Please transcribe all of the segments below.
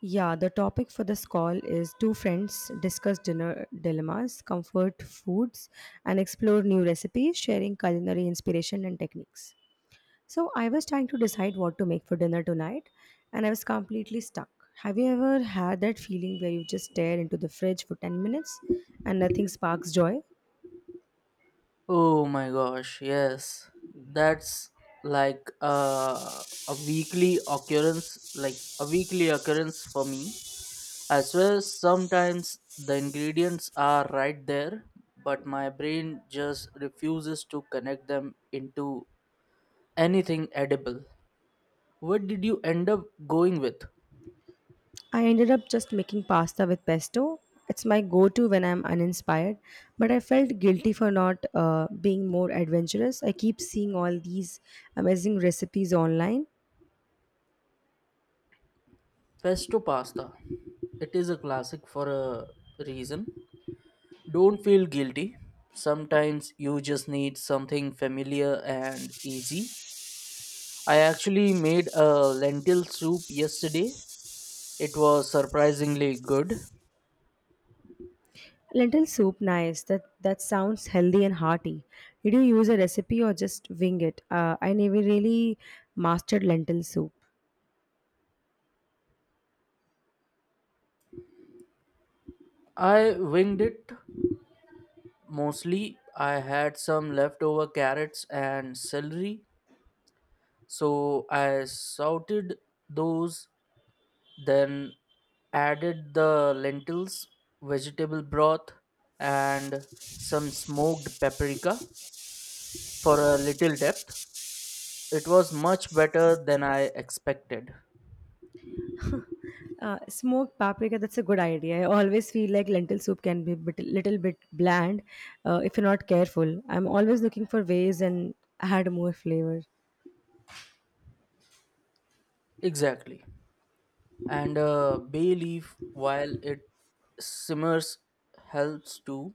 Yeah, the topic for this call is two friends discuss dinner dilemmas, comfort foods, and explore new recipes, sharing culinary inspiration and techniques. So, I was trying to decide what to make for dinner tonight, and I was completely stuck. Have you ever had that feeling where you just stare into the fridge for 10 minutes and nothing sparks joy? Oh my gosh, yes. That's like a weekly occurrence, like a weekly occurrence for me. I swear sometimes the ingredients are right there, but my brain just refuses to connect them into anything edible. What did you end up going with? I ended up just making pasta with pesto. It's my go to when I'm uninspired, but I felt guilty for not being more adventurous. I keep seeing all these amazing recipes online. Pesto pasta. It is a classic for a reason. Don't feel guilty. Sometimes you just need something familiar and easy. I actually made a lentil soup yesterday. It was surprisingly good. Lentil soup, nice. That sounds healthy and hearty. Did you use a recipe or just wing it? I never really mastered lentil soup. I winged it mostly. I had some leftover carrots and celery, so I sauteed those, then added the lentils, vegetable broth, and some smoked paprika for a little depth. It was much better than I expected. Smoked paprika, that's a good idea. I always feel like lentil soup can be little bit bland if you're not careful. I'm always looking for ways and add more flavor. Exactly. And bay leaf, while it simmers, helps too.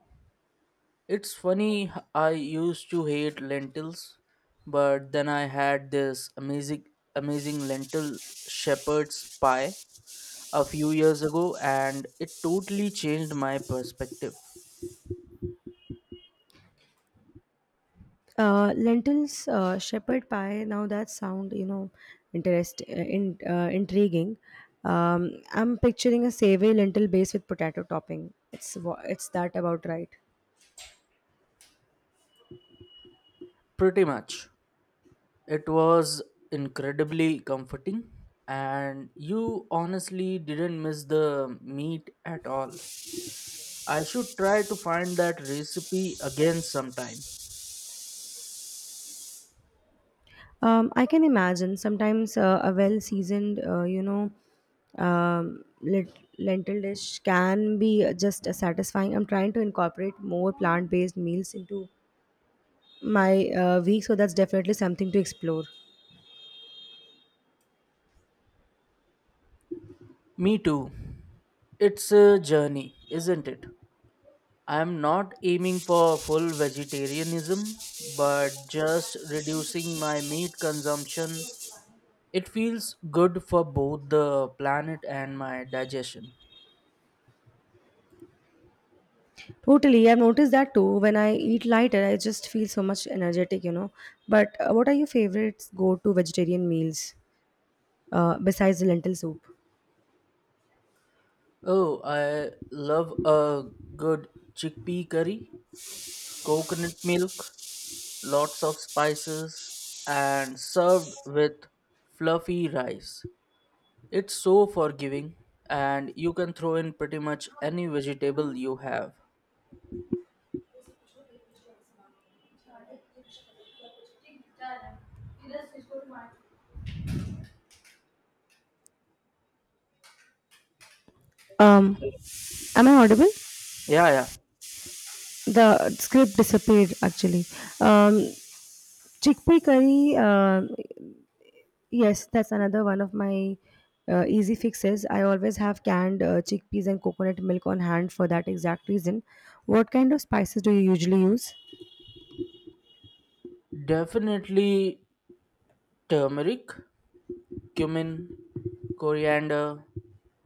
It's funny, I used to hate lentils, but then I had this amazing, amazing lentil shepherd's pie a few years ago, and it totally changed my perspective. Lentils, shepherd pie. Now that sound, you know, interest in intriguing. I'm picturing a savory lentil base with potato topping. It's that about right. Pretty much. It was incredibly comforting, and you honestly didn't miss the meat at all. I should try to find that recipe again sometime. I can imagine sometimes a well seasoned, lentil dish can be just as satisfying. I'm trying to incorporate more plant based meals into my week, so that's definitely something to explore. Me too. It's a journey, isn't it? I'm not aiming for full vegetarianism, but just reducing my meat consumption. It feels good for both the planet and my digestion. Totally, I've noticed that too. When I eat lighter, I just feel so much energetic, you know. But what are your favorite go to vegetarian meals besides the lentil soup? Oh, I love a good chickpea curry, coconut milk, lots of spices, and served with fluffy rice. It's so forgiving, and you can throw in pretty much any vegetable you have. Um, am I audible? Yeah, yeah, The script disappeared actually. Um, Chickpea curry, yes, that's another one of my easy fixes. I always have canned chickpeas and coconut milk on hand for that exact reason. What kind of spices do you usually use? definitely turmeric, cumin, coriander,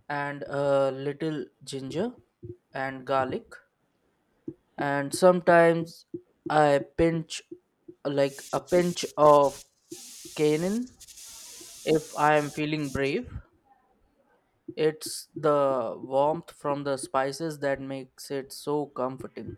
and a little ginger and garlic. And sometimes I pinch like a pinch of cayenne if I am feeling brave. It's the warmth from the spices that makes it so comforting.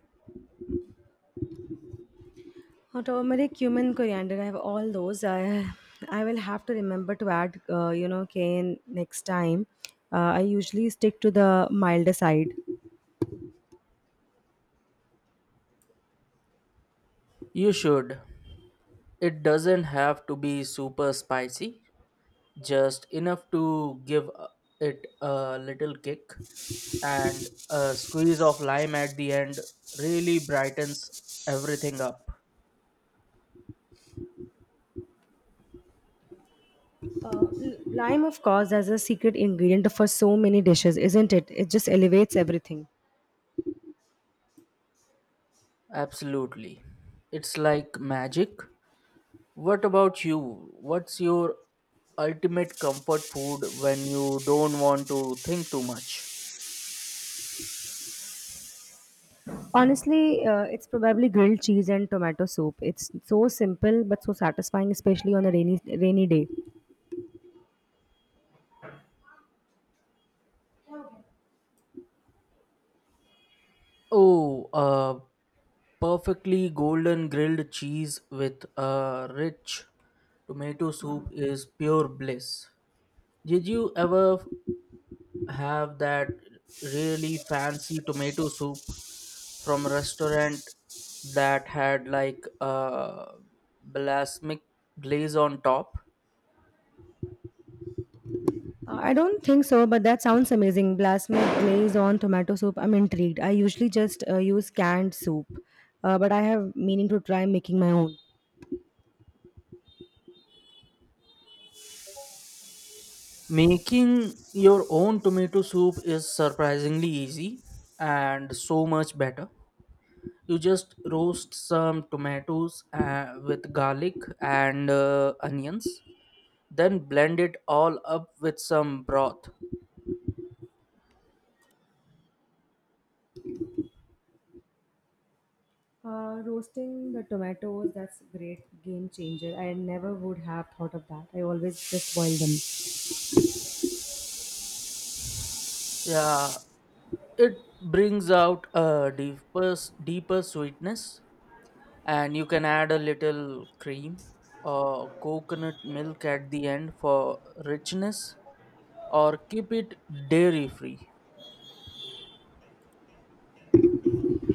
Turmeric, cumin, coriander. I have all those. I will have to remember to add, cayenne next time. I usually stick to the milder side. You should. It doesn't have to be super spicy, just enough to give it a little kick, and a squeeze of lime at the end really brightens everything up. Lime, of course, as a secret ingredient for so many dishes, isn't it? It just elevates everything. Absolutely. It's like magic. What about you? What's your ultimate comfort food when you don't want to think too much? Honestly, it's probably grilled cheese and tomato soup. It's so simple but so satisfying, especially on a rainy day. Oh, perfectly golden grilled cheese with a rich tomato soup is pure bliss. Did you ever have that really fancy tomato soup from a restaurant that had like a balsamic glaze on top? I don't think so, but that sounds amazing. Blasme glaze on tomato soup. I'm intrigued. I usually just use canned soup, but I have meaning to try making my own. Making your own tomato soup is surprisingly easy and so much better. You just roast some tomatoes with garlic and onions, then blend it all up with some broth. Roasting the tomatoes, that's great game changer. I never would have thought of that. I always just boil them. Yeah, it brings out a deeper, deeper sweetness, and you can add a little cream or coconut milk at the end for richness, or keep it dairy free.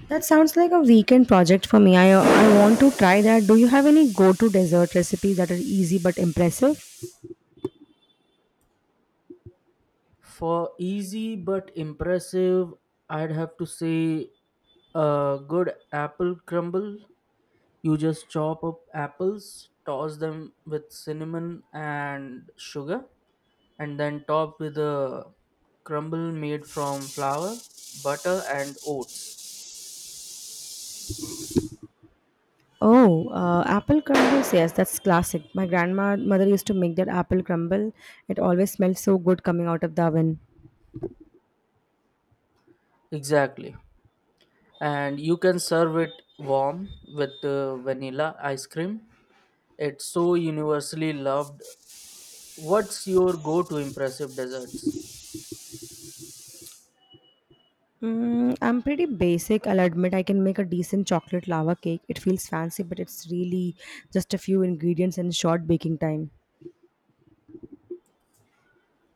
That sounds like a weekend project for me. I want to try that. Do you have any go to dessert recipes that are easy but impressive? For easy but impressive, I'd have to say a good apple crumble. You just chop up apples, toss them with cinnamon and sugar, and then top with a crumble made from flour, butter, and oats. Oh, Apple crumbles. Yes, that's classic. My grandmother used to make that apple crumble. It always smelled so good coming out of the oven. Exactly. And you can serve it warm with vanilla ice cream. It's so universally loved. What's your go to impressive desserts? I'm pretty basic, I'll admit. I can make a decent chocolate lava cake. It feels fancy, but it's really just a few ingredients and short baking time.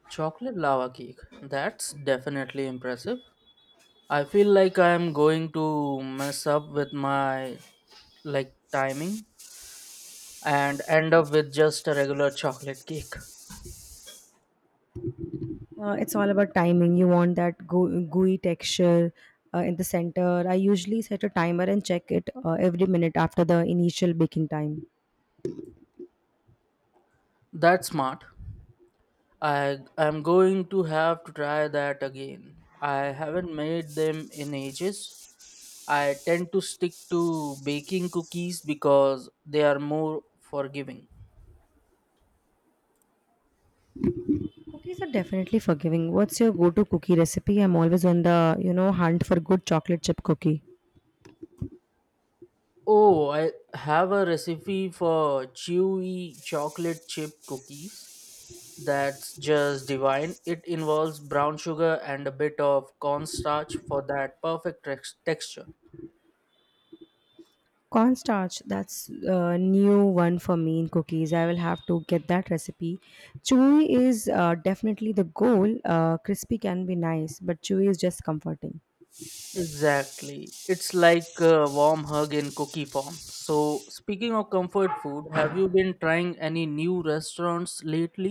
Chocolate lava cake. That's definitely impressive. I feel like I am going to mess up with my like timing and end up with just a regular chocolate cake. It's all about timing. You want that gooey texture in the center. I usually set a timer and check it every minute after the initial baking time. That's smart. I am going to have to try that again. I haven't made them in ages. I tend to stick to baking cookies because they are more forgiving. Cookies are definitely forgiving. What's your go-to cookie recipe? I'm always on the hunt for good chocolate chip cookie. Oh, I have a recipe for chewy chocolate chip cookies. That's just divine. It involves brown sugar and a bit of cornstarch for that perfect texture. Cornstarch, that's a new one for me in cookies. I will have to get that recipe. Chewy is definitely the goal. Crispy can be nice, but chewy is just comforting. Exactly. It's like a warm hug in cookie form. So, speaking of comfort food, have you been trying any new restaurants lately?